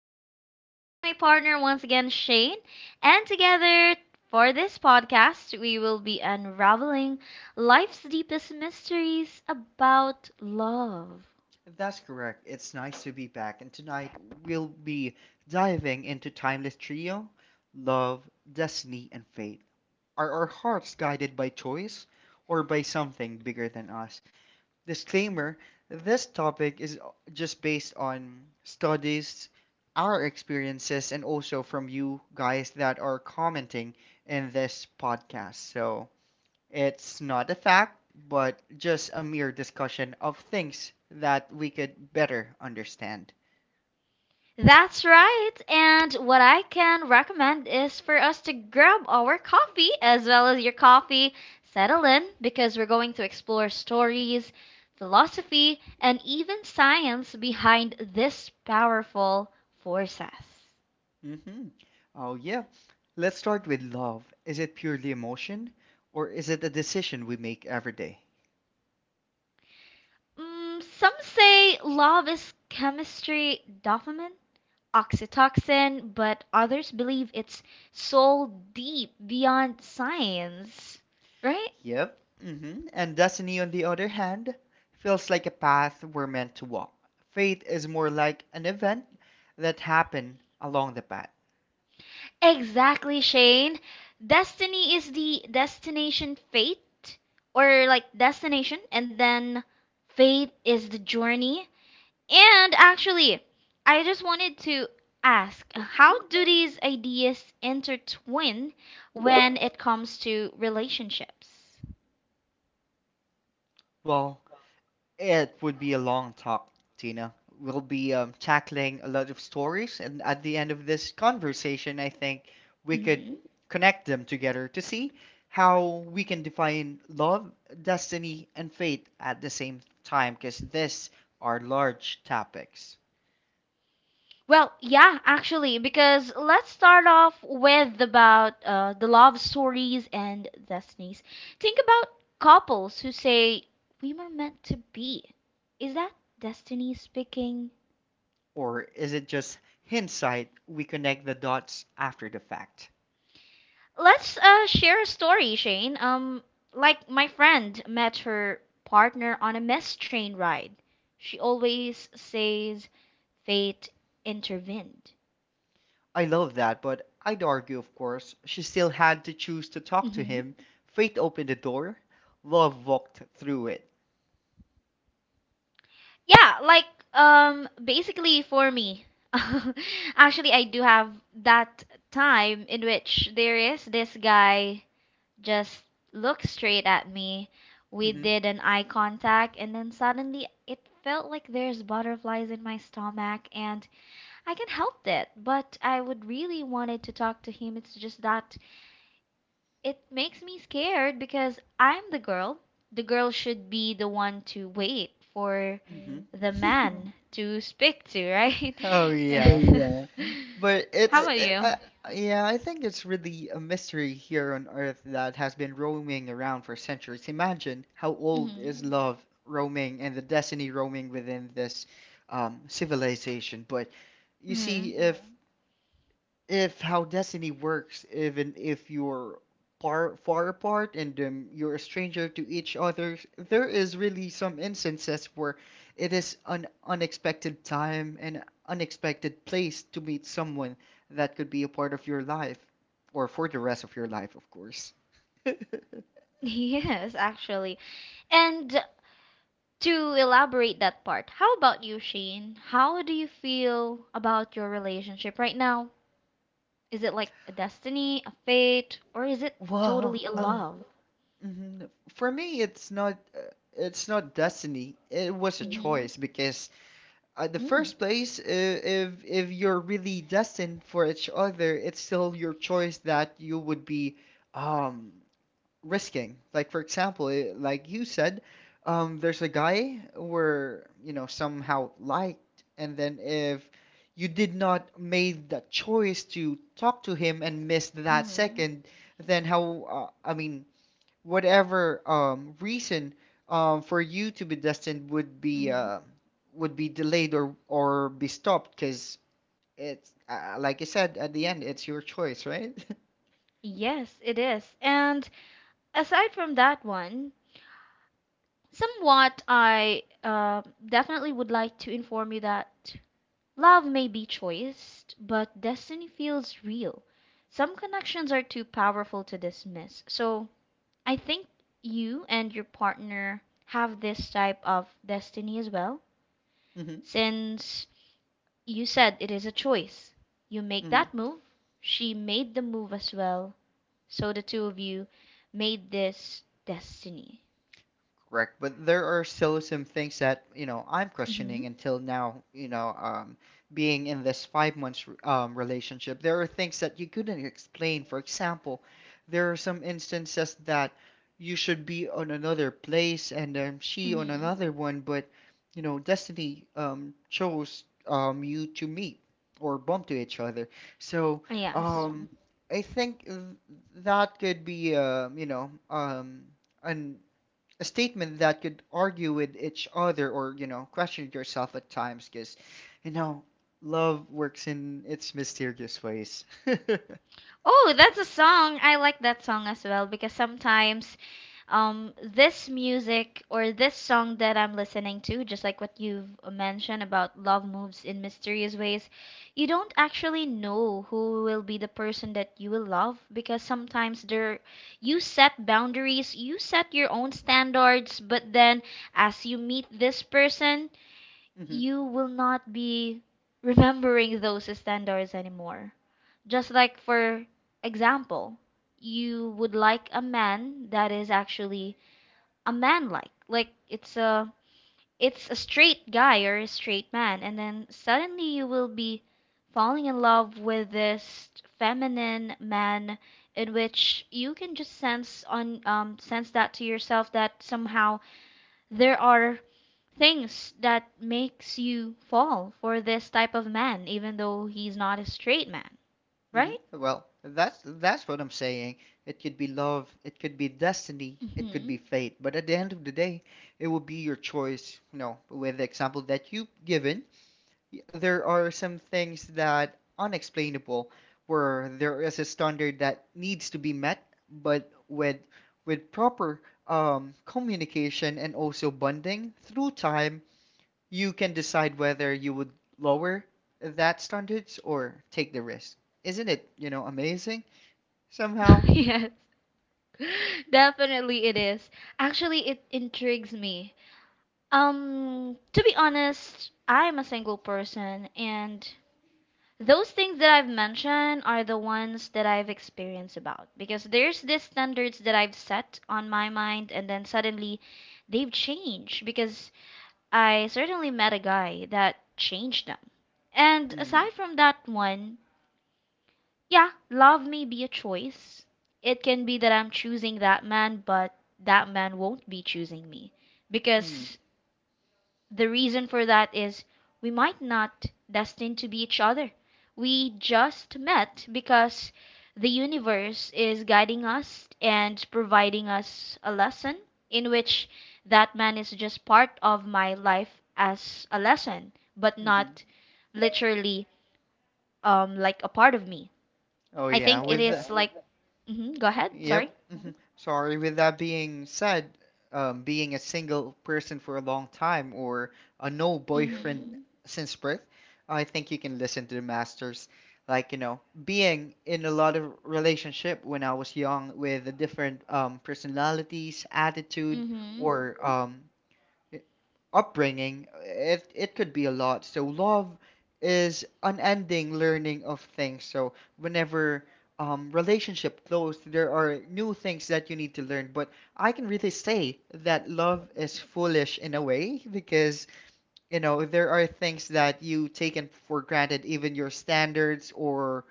I have here my partner once again, Shane. And together for this podcast, we will be unraveling life's deepest mysteries about love. That's correct. It's nice to be back, and tonight we'll be diving into Timeless Trio, Love, Destiny, and Fate. Are our hearts guided by choice or by something bigger than us? Disclaimer this topic is just based on studies, our experiences, and also from you guys that are commenting in this podcast. So, it's not a fact, but just a mere discussion of things that we could better understand. That's right. And what I can recommend is for us to grab our coffee as well as your coffee, settle in because we're going to explore stories, philosophy, and even science behind this powerful forces. Hmm. Oh, yeah. Let's start with love. Is it purely emotion, or is it a decision we make every day? Some say love is chemistry, dopamine, oxytocin, but others believe it's soul deep beyond science, right? Yep. And destiny, on the other hand, feels like a path we're meant to walk. Fate is more like an event that happened along the path. Exactly, Shane. Destiny is the destination fate or like destination and then fate is the journey. And actually, I just wanted to ask, how do these ideas intertwine when it comes to relationships? Well, it would be a long talk, Tina. We'll be tackling a lot of stories, and at the end of this conversation, I think we could Hmm. connect them together to see how we can define love, destiny, and fate at the same time, because these are large topics. Well, yeah, actually, because let's start off with about the love stories and destinies. Think about couples who say we were meant to be. Is that destiny speaking? Or is it just hindsight? We connect the dots after the fact. Let's share a story, Shane. Like my friend met her partner on a mess train ride. She always says fate intervened. I love that, but I'd argue, of course, she still had to choose to talk to Hmm. him. Fate opened the door, love walked through it. Yeah, like basically for me, actually I do have that time in which there is this guy just looked straight at me. We hmm did an eye contact and then suddenly it felt like there's butterflies in my stomach and I can not help it, but I would really wanted to talk to him. It's just that it makes me scared because I'm the girl. The girl should be the one to wait for hmm the man to speak to, right? Oh yeah, but How it's about you? uh, yeah, I think it's really a mystery here on Earth that has been roaming around for centuries. Imagine how old Mm-hmm. is love roaming and the destiny roaming within this civilization. But you Hmm. see, if how destiny works, even if you're far far apart and you're a stranger to each other, there is really some instances where it is an unexpected time and unexpected place to meet someone that could be a part of your life or for the rest of your life, of course. Yes, actually. And to elaborate that part, how about you, Shane? How do you feel about your relationship right now? Is it like a destiny, a fate, or is it Well, totally a love? mhm, for me, it's not destiny. It was a Mm-hmm. choice because at the first place, if you're really destined for each other, it's still your choice that you would be um risking. Like for example, like you said, there's a guy where you know somehow liked, and then if you did not made that choice to talk to him and missed that Mm-hmm. second, then how I mean whatever reason for you to be destined Mm-hmm. Would be delayed or be stopped because it's like I said, at the end it's your choice, right? Yes, it is. And aside from that one, somewhat, I definitely would like to inform you that love may be choice, but destiny feels real. Some connections are too powerful to dismiss. So I think you and your partner have this type of destiny as well, Mm-hmm. since you said it is a choice. You make that move, she made the move as well, so the two of you made this destiny. Correct, but there are still some things that you know I'm mm questioning until now. You know, being in this 5 months relationship, there are things that you couldn't explain. For example, there are some instances that you should be on another place and hmm she on Mm hmm another one, but you know, destiny chose you to meet or bump to each other. So, Yes. um, I think that could be, an a statement that could argue with each other or question yourself at times because you know love works in its mysterious ways. Oh, that's a song. I like that song as well because sometimes this music or this song that I'm listening to, just like what you've mentioned about love moves in mysterious ways, you don't actually know who will be the person that you will love because sometimes there you set boundaries, you set your own standards, but then as you meet this person, you will not be remembering those standards anymore. Just like for example, you would like a man that is actually a man like. Like it's a straight guy or a straight man and then suddenly you will be falling in love with this feminine man in which you can just sense on sense that to yourself that somehow there are things that makes you fall for this type of man even though he's not a straight man, right? Well, that's what I'm saying. It could be love, it could be destiny, it could be Hmm. fate, but at the end of the day it will be your choice, you know, with the example that you've given. There are some things that unexplainable, where there is a standard that needs to be met, but with proper communication and also bonding through time, you can decide whether you would lower that standards or take the risk. Isn't it amazing somehow? Yes, definitely it is. Actually, it intrigues me. To be honest, I'm a single person, and those things that I've mentioned are the ones that I've experienced about because there's these standards that I've set on my mind, and then suddenly they've changed because I certainly met a guy that changed them. And Mm-hmm, aside from that one, yeah, love may be a choice. It can be that I'm choosing that man, but that man won't be choosing me. mm-hmm. Because the reason for that is we might not destined to be each other. We just met because the universe is guiding us and providing us a lesson in which that man is just part of my life as a lesson, but Mm-hmm. not literally like a part of me. Oh I yeah, think it is like, go ahead, sorry. yep. Mhm. Sorry. With that being said, being a single person for a long time or a no boyfriend Mm-hmm. since birth, I think you can listen to the masters. Like, you know, being in a lot of relationship when I was young with the different personalities, attitude, Mm-hmm. or upbringing, it could be a lot. So love is unending learning of things. So whenever relationship closed, there are new things that you need to learn. But I can really say that love is foolish in a way because you know there are things that you taken for granted, even your standards or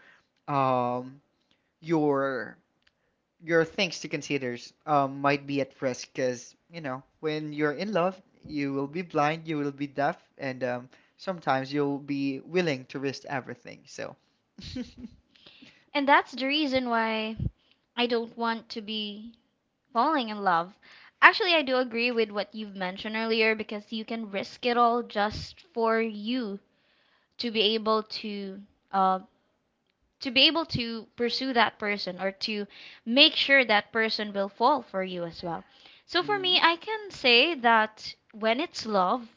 um, your your things to consider might be at risk because, when you're in love, you will be blind, you will be deaf, and sometimes you'll be willing to risk everything. So, And that's the reason why I don't want to be falling in love. Actually, I do agree with what you've mentioned earlier because you can risk it all just for you to be able to uh, pursue that person or to make sure that person will fall for you as well. So for me, hmm. I can say that when it's love,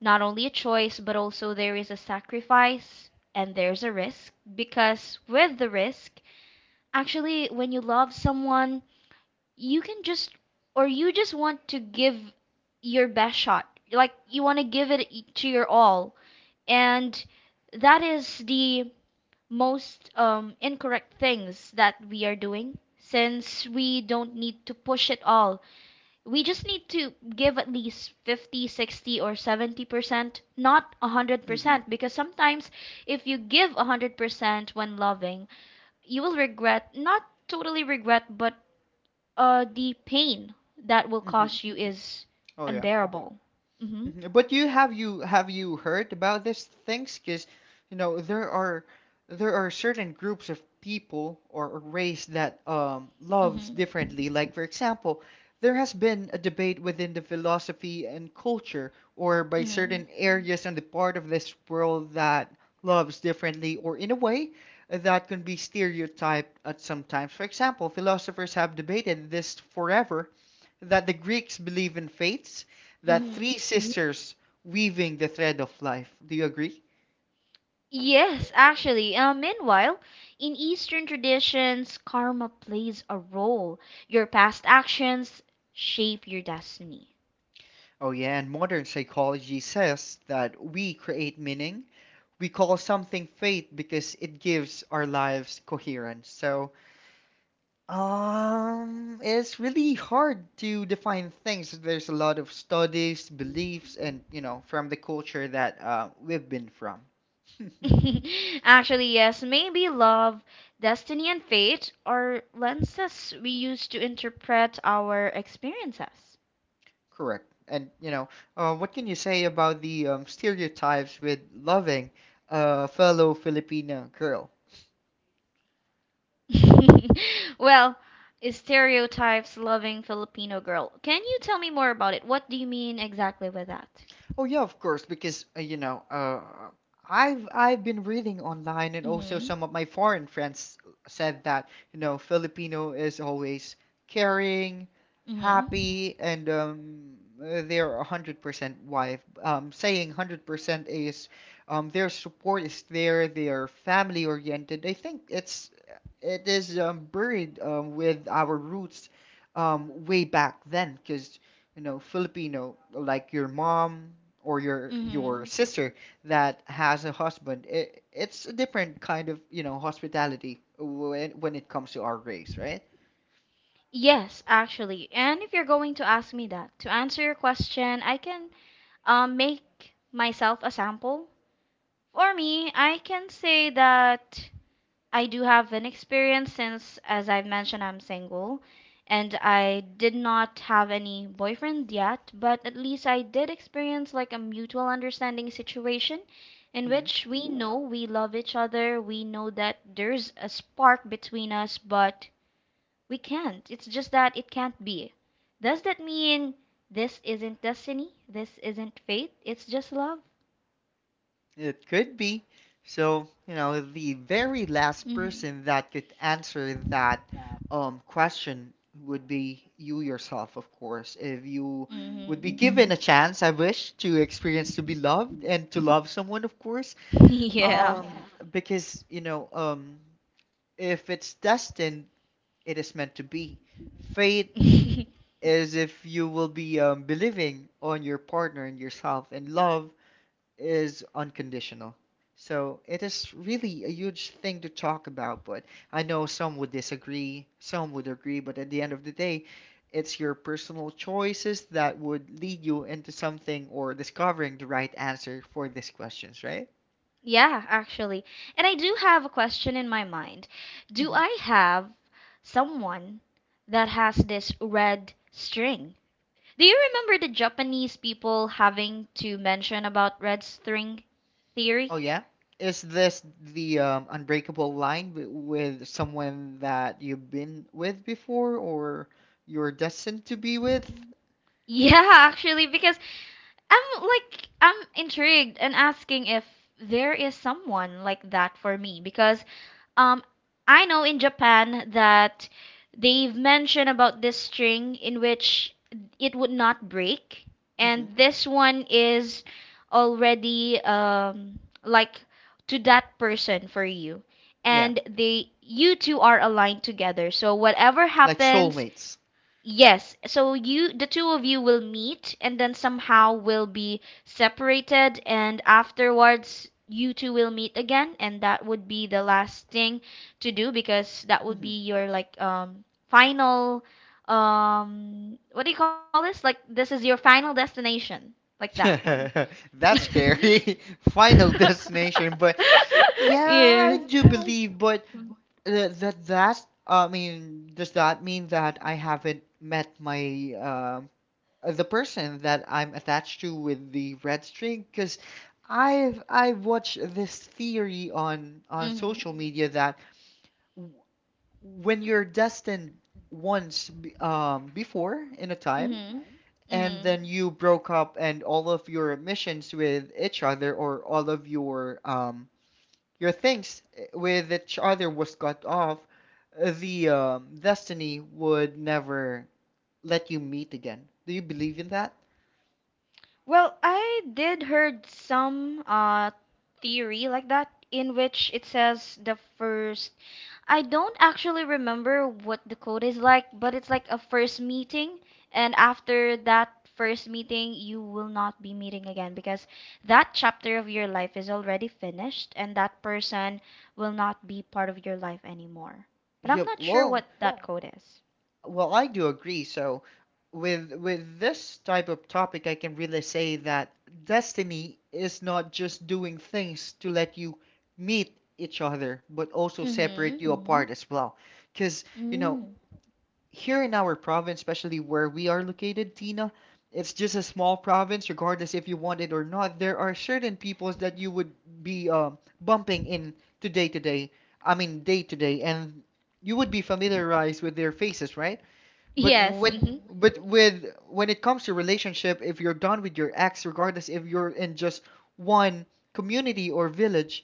not only a choice, but also there is a sacrifice and there's a risk because with the risk, actually when you love someone, you can just or you just want to give your best shot. Like you want to give it to your all. And that is the most incorrect things that we are doing since we don't need to push it all. We just need to give at least 50%, 60%, or 70%, not Hmm. 100%, because sometimes if you give 100% when loving you will regret. Not totally regret, but the pain that will Hmm. cause you is Oh, yeah. unbearable. Mm-hmm. Mhm. But you heard about these things? Because you know there are there are certain groups of people or a race that loves Mm-hmm. differently. Like for example, there has been a debate within the philosophy and culture, or by Mm-hmm. certain areas on the part of this world that loves differently, or in a way that can be stereotyped at some times. For example, philosophers have debated this forever, that the Greeks believe in fates, that Mm-hmm. three sisters weaving the thread of life. Do you agree? Yes, actually. Meanwhile, in Eastern traditions, karma plays a role. Your past actions shape your destiny. Oh, yeah, and modern psychology says that we create meaning. We call something fate because it gives our lives coherence. So, it's really hard to define things. There's a lot of studies, beliefs, and, you know, from the culture that we've been from. Actually, yes, maybe love, destiny, and fate are lenses we use to interpret our experiences. Correct. And what can you say about the stereotypes with loving a fellow Filipina girl? Well, stereotypes loving Filipino girl. Can you tell me more about it? What do you mean exactly with that? Oh yeah, of course, because I've been reading online, and also Mm-hmm. some of my foreign friends said that Filipino is always caring, Mm-hmm. happy, and they're 100% wife. Saying 100% is their support is there, they are family oriented. I think it is buried with our roots way back then, because Filipino, like your mom or your Mm-hmm. sister that has a husband, it's a different kind of, hospitality when it comes to our race, right? Yes, actually. And if you're going to ask me that, to answer your question, I can make myself a sample. For me, I can say that I do have an experience since, as I've mentioned, I'm single and I did not have any boyfriend yet, but at least I did experience like a mutual understanding situation in hmm which we know we love each other, we know that there's a spark between us, but we can't. It's just that it can't be. Does that mean this isn't destiny? This isn't fate? It's just love? It could be. So, the very last Mm person that could answer that question would be you yourself, of course. If you hmm. Mm would be hmm. given a chance, I wish, to experience to be loved and to love someone, of course. Yeah. Um, because if it's destined, it is meant to be. Fate is if you will be believing on your partner and yourself, and love is unconditional. So it is really a huge thing to talk about, but I know some would disagree, some would agree, but at the end of the day, it's your personal choices that would lead you into something or discovering the right answer for these questions, right? Yeah, actually. And I do have a question in my mind. Do I have someone that has this red string? Do you remember the Japanese people having to mention about red string theory? Oh yeah? Is this the unbreakable line w with someone that you've been with before or you're destined to be with? Yeah, actually, because I'm like, I'm intrigued and asking if there is someone like that for me because Um, I know in Japan that they've mentioned about this string in which it would not break, Hmm. and this one is already like to that person for you, Yeah, and they you two are aligned together. So whatever like happens, soulmates. yes, so you the two of you will meet and then somehow will be separated and afterwards you two will meet again and that would be the last thing to do because that would be hmm your like final what do you call this? Like this is your final destination. Like that one. That's scary. Final destination, but yeah, I Yes. do believe, but that's I mean, does that mean that I haven't met my um the person that I'm attached to with the red string? Because I've watched this theory on Mhm. social media that w- when you're destined once before in a time Mhm. and Mhm. then you broke up and all of your missions with each other or all of your things with each other was cut off, the destiny would never let you meet again. Do you believe in that? Well, I did heard some theory like that in which it says the first I don't actually remember what the code is like, but it's like a first meeting and after that first meeting you will not be meeting again because that chapter of your life is already finished and that person will not be part of your life anymore. But I'm Yep. not sure what Well, that oh, code is. well, I do agree. So, with this type of topic, I can really say that destiny is not just doing things to let you meet each other, but also separate Mhm. you apart as well. Because, Mm. here in our province, especially where we are located, Tina, it's just a small province, regardless if you want it or not. There are certain peoples that you would be bumping in to day to day. I mean, day to day, and you would be familiarized with their faces, right? But Yes. with Mhm. but with when it comes to relationship, if you're done with your ex, regardless if you're in just one community or village,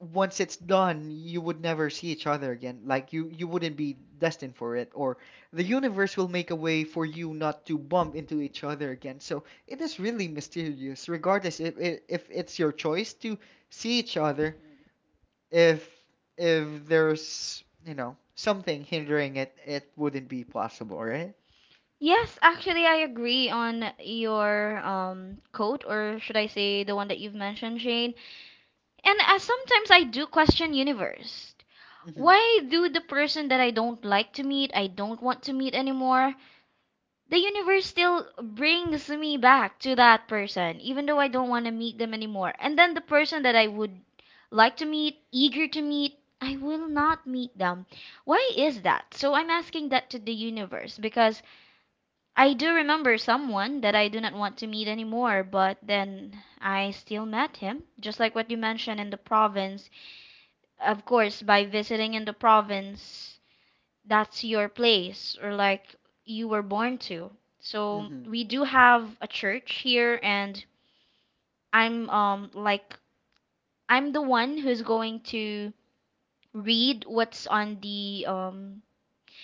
once it's done, you would never see each other again. Like you wouldn't be destined for it, or the universe will make a way for you not to bump into each other again. So it is really mysterious, regardless if it's your choice to see each other, if if there's, something hindering it, it wouldn't be possible, right? Yes, actually, I agree on your quote, or should I say the one that you've mentioned, Shane. And sometimes I do question universe. Mhm. Why do the person that I don't like to meet, I don't want to meet anymore, the universe still brings me back to that person, even though I don't want to meet them anymore. And then the person that I would like to meet, eager to meet, I will not meet them. Why is that? So I'm asking that to the universe because I do remember someone that I do not want to meet anymore, but then I still met him, just like what you mentioned in the province. Of course, by visiting in the province, that's your place or like you were born to. So Mm-hmm. we do have a church here, and I'm um like I'm the one who's going to read what's on the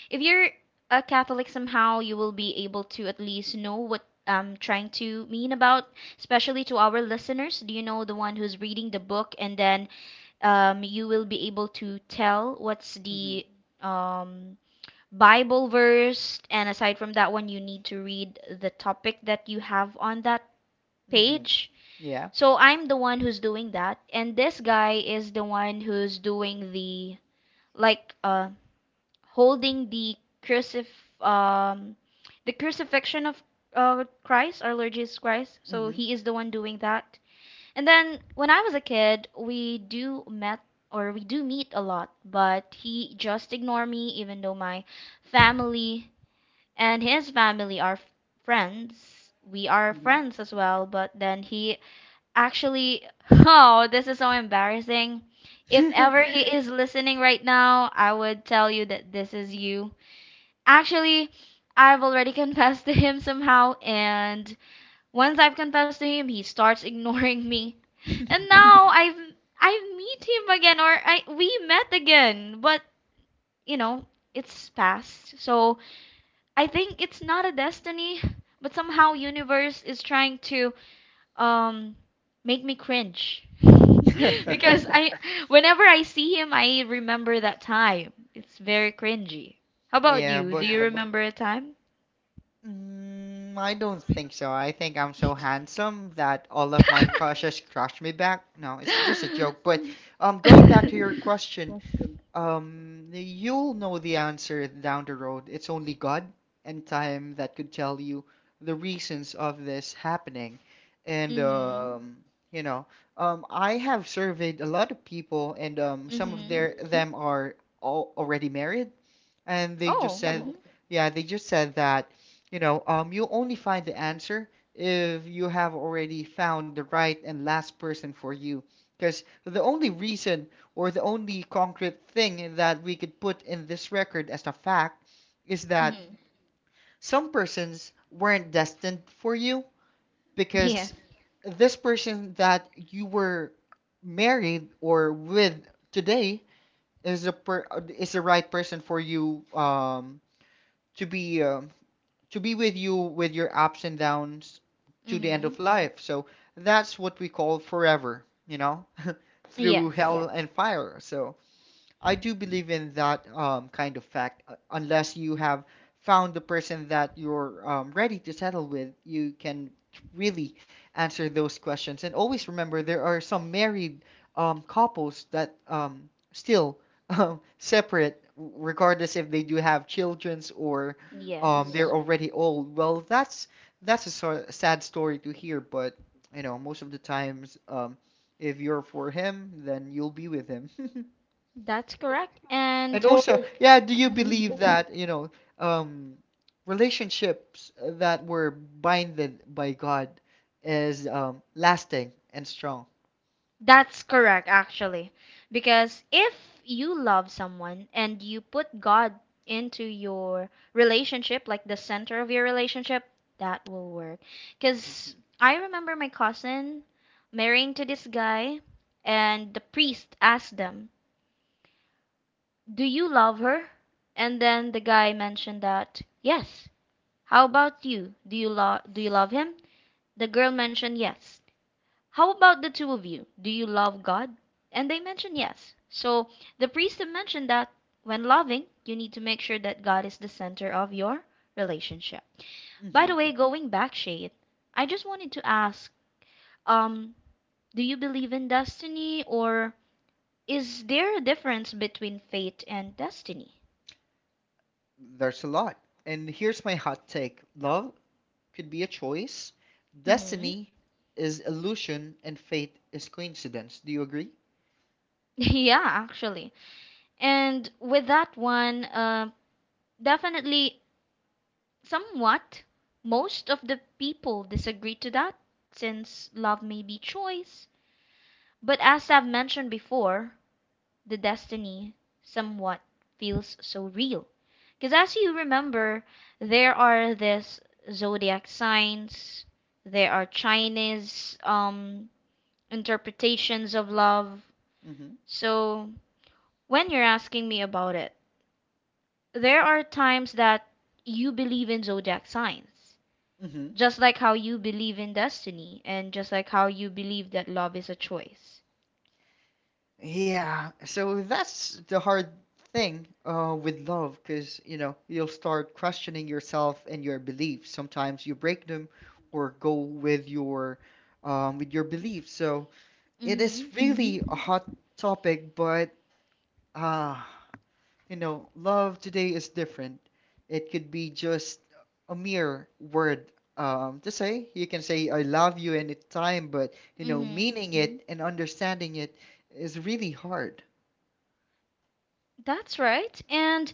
if you're a Catholic somehow, you will be able to at least know what I'm trying to mean about, especially to our listeners. Do you know the one who's reading the book, and then you will be able to tell what's the Mm-hmm. um, Bible verse, and aside from that one, you need to read the topic that you have on that Mm-hmm. page. Yeah. So I'm the one who's doing that, and this guy is the one who's doing the like holding the crucif um the crucifixion of Christ, our Lord Jesus Christ. So Mm-hmm. he is the one doing that. And then when I was a kid, we do met or we do meet a lot, but he just ignore me even though my family and his family are friends. We are friends as well, but then he actually oh, this is so embarrassing. If ever he is listening right now, I would tell you that this is you. Actually, I've already confessed to him somehow, and once I've confessed to him, he starts ignoring me. Mm-hmm. And now I meet him again, or I we met again, but you know it's past. So I think it's not a destiny, but somehow universe is trying to um make me cringe because I whenever I see him, I remember that time. It's very cringy. How about Yeah, you? Do but you remember a time? I don't think so. I think I'm so handsome that all of my crushes crush me back. No, it's just a joke. But going back to your question, you'll know the answer down the road. It's only God and time that could tell you the reasons of this happening. And Mhm. You know, I have surveyed a lot of people, and some of Mhm. their them are all already married, and they just Oh. said, Mhm. yeah, they just said that, you only find the answer if you have already found the right and last person for you. Because the only reason or the only concrete thing that we could put in this record as a fact is that Mhm. some persons weren't destined for you Yes. because this person that you were married or with today is a per, is the right person for you to be um to be with you with your ups and downs to the end Mhm. of life. So that's what we call forever, through Yeah. Yes. hell Yeah. and fire. So. I do believe in that kind of fact. Unless you have found the person that you're ready to settle with, you can really answer those questions. And always remember, there are some married couples that still separate, regardless if they do have childrens or Mm. they're Yes. already old. Well, that's a sad story to hear, but you know, most of the times, if you're for him, then you'll be with him. That's correct. And And also, yeah, do you mhm. believe that, um, relationships that were binded by God is lasting and strong? That's correct actually. Because if you love someone and you put God into your relationship, like the center of your relationship, that will work. Cuz hmm I remember my cousin marrying to this guy and the priest asked them, "Do you love her?" And then the guy mentioned that, "Yes." "How about you? Do do you love him?" The girl mentioned, "Yes." "How about the two of you? Do you love God?" And they mentioned, "Yes." So the priest mentioned that, when loving, you need to make sure that God is the center of your relationship. By the hmm way, going back, Shade, I just wanted to ask, um, do you believe in destiny, or is there a difference between fate and destiny? There's a lot. And here's my hot take. Love could be a choice. Mm-hmm. Destiny is illusion, and fate is coincidence. Do you agree? Yeah, actually. And with that one, definitely, somewhat, most of the people disagree to that since love may be choice. But as I've mentioned before, the destiny somewhat feels so real. Because as you remember, there are this zodiac signs, there are Chinese interpretations of love. So when you're asking me about it, there are times that you believe in zodiac signs, Mm-hmm. just like how you believe in destiny, and just like how you believe that love is a choice. Yeah, so that's the hard thing with love because, you know, you'll start questioning yourself and your beliefs. Sometimes you break them or go with your beliefs. So it is Mm-hmm. Really a hot topic, but uh, you know, love today is different. It could be just a mere word to say. You can say I love you anytime, but you know, Mm-hmm. meaning it and understanding it is really hard. That's right. And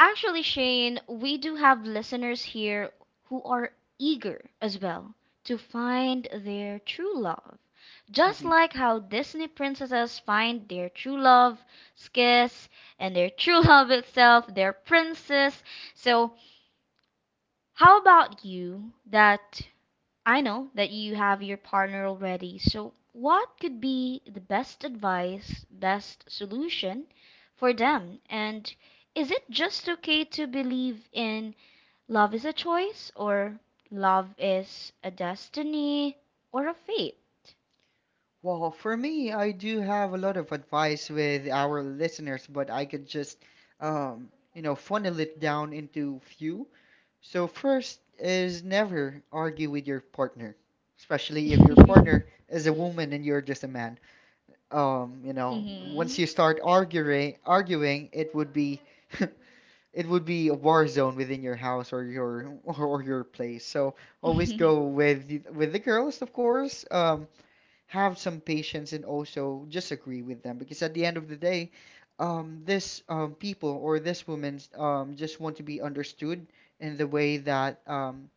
actually, Shane, we do have listeners here who are eager as well to find their true love. Just Mm-hmm. like how Disney princesses find their true love, Skiss, and their true love itself, their princess. So how about you that I know that you have your partner already. So, what could be the best advice, best solution for them? And is it just okay to believe in love is a choice, or love is a destiny or a fate? Well, for me, I do have a lot of advice with our listeners, but I could just, um, you know, funnel it down into few. So first is never argue with your partner, especially if your Mhm. partner is a woman and you're just a man. You know, once you start arguing, it would be, it would be a war zone within your house or your or your place. So always go Mhm. with with the girls, of course. Have some patience and also just agree with them because at the end of the day, this people or this woman just want to be understood in the way that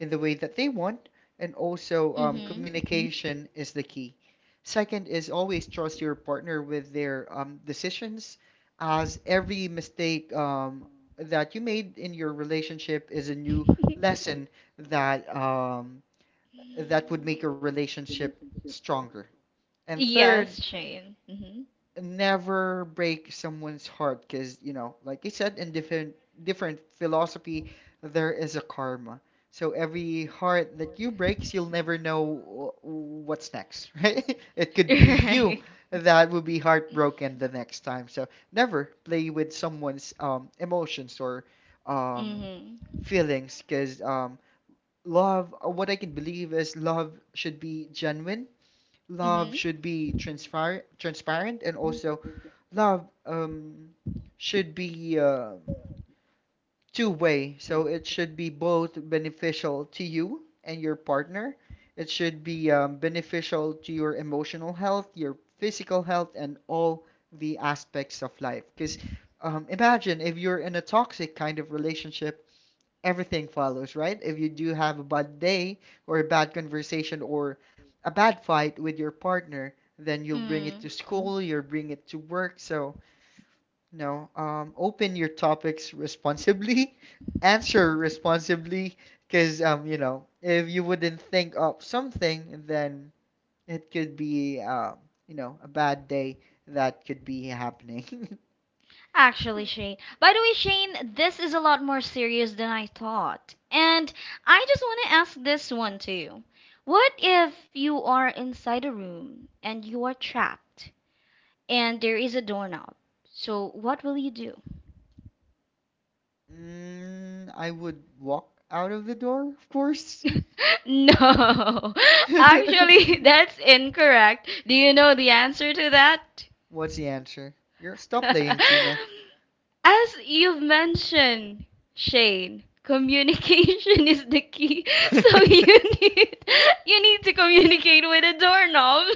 in the way that they want, and also Mhm. Mhm. communication is the key. Second is always trust your partner with their decisions, as every mistake that you made in your relationship is a new lesson that um, that would make your relationship stronger. And third, Yes, Shane. Mhm. never break someone's heart because, you know, like I said, in different philosophy, there is a karma. So every heart that you breaks, you'll never know what's next, right? It could be you Right. that will be heartbroken the next time. So never play with someone's emotions or um, Mhm. feelings because love, what I can believe is love should be genuine, love Mhm. should be transparent, and also love should be two way. So it should be both beneficial to you and your partner. It should be beneficial to your emotional health, your physical health, and all the aspects of life. Because imagine if you're in a toxic kind of relationship, everything follows, right? If you do have a bad day or a bad conversation or a bad fight with your partner, then you'll bring it to Mm. school, you'll bring it to work. So, no, open your topics responsibly, answer responsibly, because you know, if you wouldn't think of something, then it could be you know, a bad day that could be happening. Actually, Shane. By the way, Shane, this is a lot more serious than I thought. And I just want to ask this one to you. What if you are inside a room and you are trapped and there is a doorknob? So, what will you do? Mm, I would walk out of the door, of course. No. Actually, that's incorrect. Do you know the answer to that? What's the answer? You're stop playing, Tina. As you've mentioned, Shane, communication is the key. So you need to communicate with a doorknob.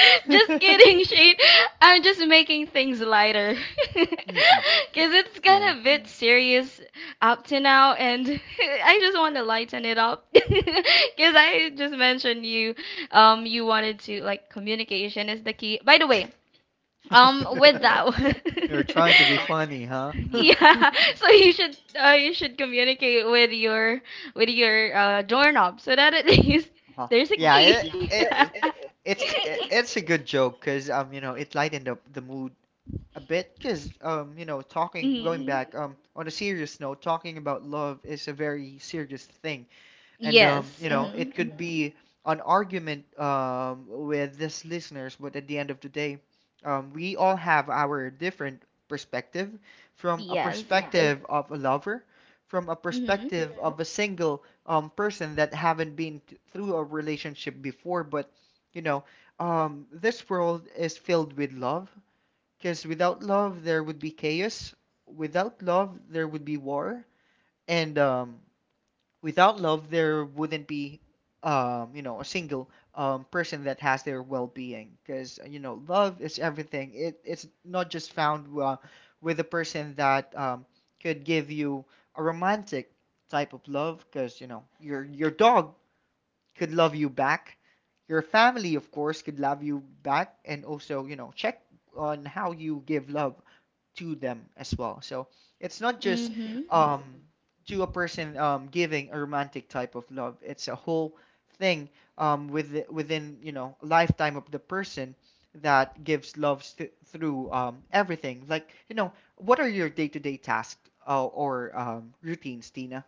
Just kidding, Shane. I'm just making things lighter. Mhm, Cause it's kind yeah. of a bit serious up to now, and I just want to lighten it up. Cause I just mentioned you, you wanted to like communication is the key. By the way, with that one. You're trying to be funny, huh? Yeah, so you should communicate with your doorknob so that at least Well, there's a yeah, key. It's a good joke because you know it lightened up the mood a bit because you know talking going Mhm. back on a serious note, talking about love is a very serious thing. And Yes. you Yeah. know, it Mhm. could be an argument with these listeners, but at the end of the day, we all have our different perspective, from a Yeah. Yes. perspective of a lover, from a Mhm. perspective mhm. of a single person that haven't been through a relationship before. But you know, this world is filled with love, because without love, there would be chaos. Without love, there would be war. And without love there wouldn't be you know a single person that has their well-being, because you know love is everything. It's not just found with a person that could give you a romantic type of love, because you know your dog could love you back, your family of course could love you back, and also you know check on how you give love to them as well. So it's not just Mhm. um, to a person giving a romantic type of love. It's a whole thing with within you know lifetime of the person that gives love through everything. Like you know, what are your day to day tasks or routines, Tina?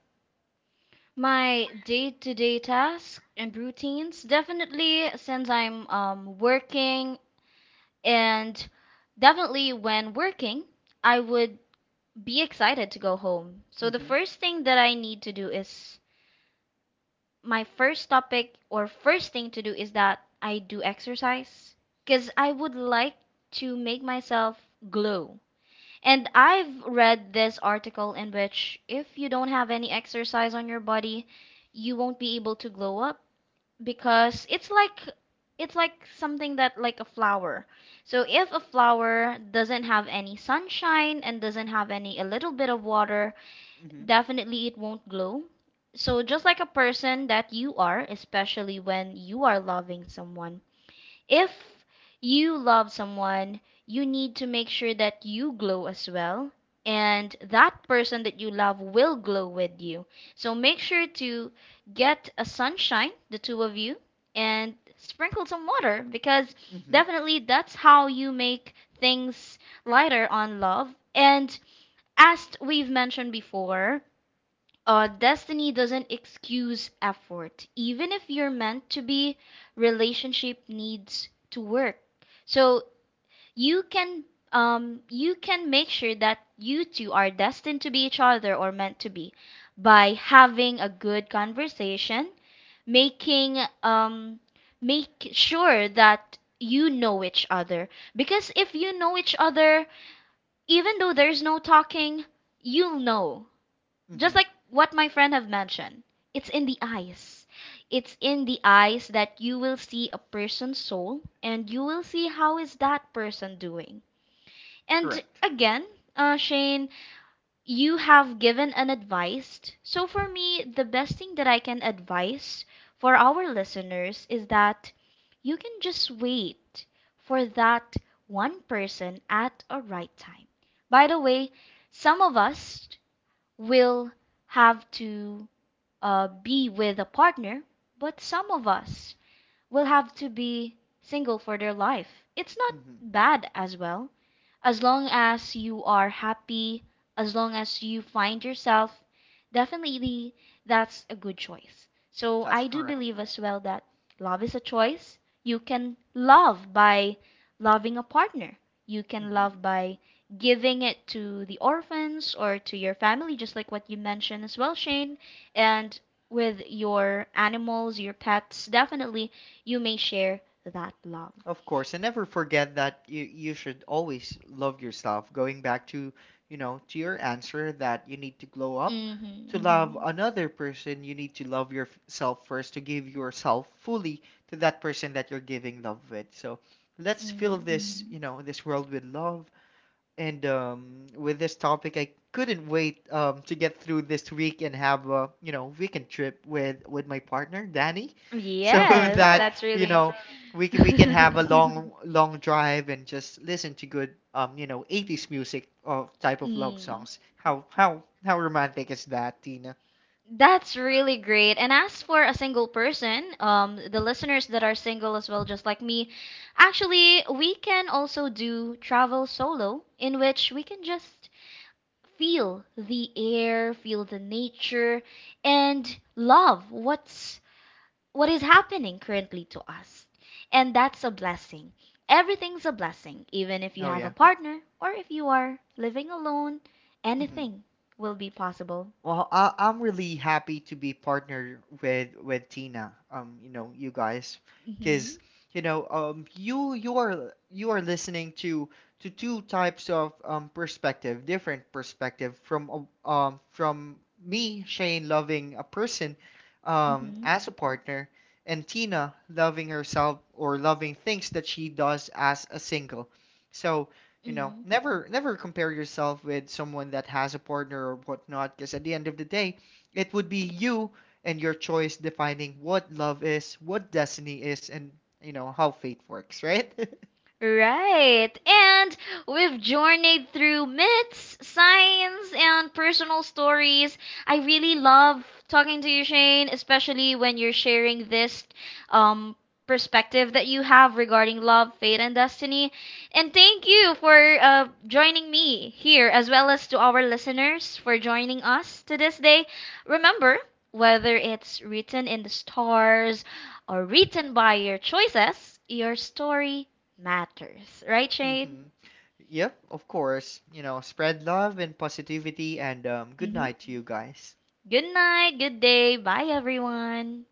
My day-to-day tasks and routines, definitely since I'm working, and definitely when working, I would be excited to go home. So the Mm-hmm. first thing that I need to do is my first topic or first thing to do is that I do exercise because I would like to make myself glow. And I've read this article in which if you don't have any exercise on your body, you won't be able to glow up because it's like something that like a flower. So if a flower doesn't have any sunshine and doesn't have any a little bit of water, Mm-hmm. definitely it won't glow. So just like a person that you are, especially when you are loving someone, if you love someone, you need to make sure that you glow as well. And that person that you love will glow with you. So make sure to get a sunshine, the two of you, and sprinkle some water because Mm-hmm. definitely that's how you make things lighter on love. And as we've mentioned before, destiny doesn't excuse effort. Even if you're meant to be, relationship needs to work. So you can you can make sure that you two are destined to be each other or meant to be by having a good conversation, making um, make sure that you know each other. Because if you know each other, even though there's no talking, you'll know, just Mm-hmm. like what my friend have mentioned, it's in the eyes, that you will see a person's soul, and you will see how is that person doing. And Correct. again, Shane, you have given an advice, so for me, the best thing that I can advise for our listeners is that you can just wait for that one person at a right time. By the way, some of us will have to be with a partner, but some of us will have to be single for their life. It's not Mm-hmm. bad as well. As long as you are happy, as long as you find yourself, definitely that's a good choice. So That's I do correct. believe as well that love is a choice. You can love by loving a partner. You can Mm-hmm. love by giving it to the orphans or to your family, just like what you mentioned as well, Shane. And with your animals, your pets, definitely you may share that love. Of course, and never forget that you should always love yourself. Going back to, you know, to your answer that you need to glow up. Mm-hmm. To love Mm-hmm. another person, you need to love yourself first, to give yourself fully to that person that you're giving love with. So let's fill Mm-hmm. this, you know, this world with love. And with this topic, I couldn't wait to get through this week and have a, you know, weekend trip with my partner, Danny, so Yes, that, that's you really. know, we can have a long drive and just listen to good you know, 80s music of type of love Mm, songs. How romantic is that, Tina? that's really great. And as for a single person, the listeners that are single as well, just like me, actually, we can also do travel solo, in which we can just feel the air, feel the nature, and love what's what is happening currently to us. And that's a blessing. Everything's a blessing, even if you Oh have a yeah. partner or if you are living alone, hmm anything will be possible. Well, I'm really happy to be partnered with Tina. You know, you guys, Mhm. because you know, you are you are listening to two types of perspective, different perspective from from me, Shane, loving a person, Mhm. as a partner, and Tina loving herself or loving things that she does as a single. So, you know, Mhm. Never compare yourself with someone that has a partner or whatnot, because at the end of the day, it would be you and your choice defining what love is, what destiny is, and you know how fate works, right? Right. And we've journeyed through myths, science, and personal stories. I really love talking to you, Shane, especially when you're sharing this um, perspective that you have regarding love, fate, and destiny. And thank you for joining me here, as well as to our listeners for joining us to this day. Remember, whether it's written in the stars or written by your choices, your story matters. Right, Shane? hmm Yep, of course. You know, spread love and positivity, and good Mm-hmm. night to you guys. Good night, good day. Bye, everyone.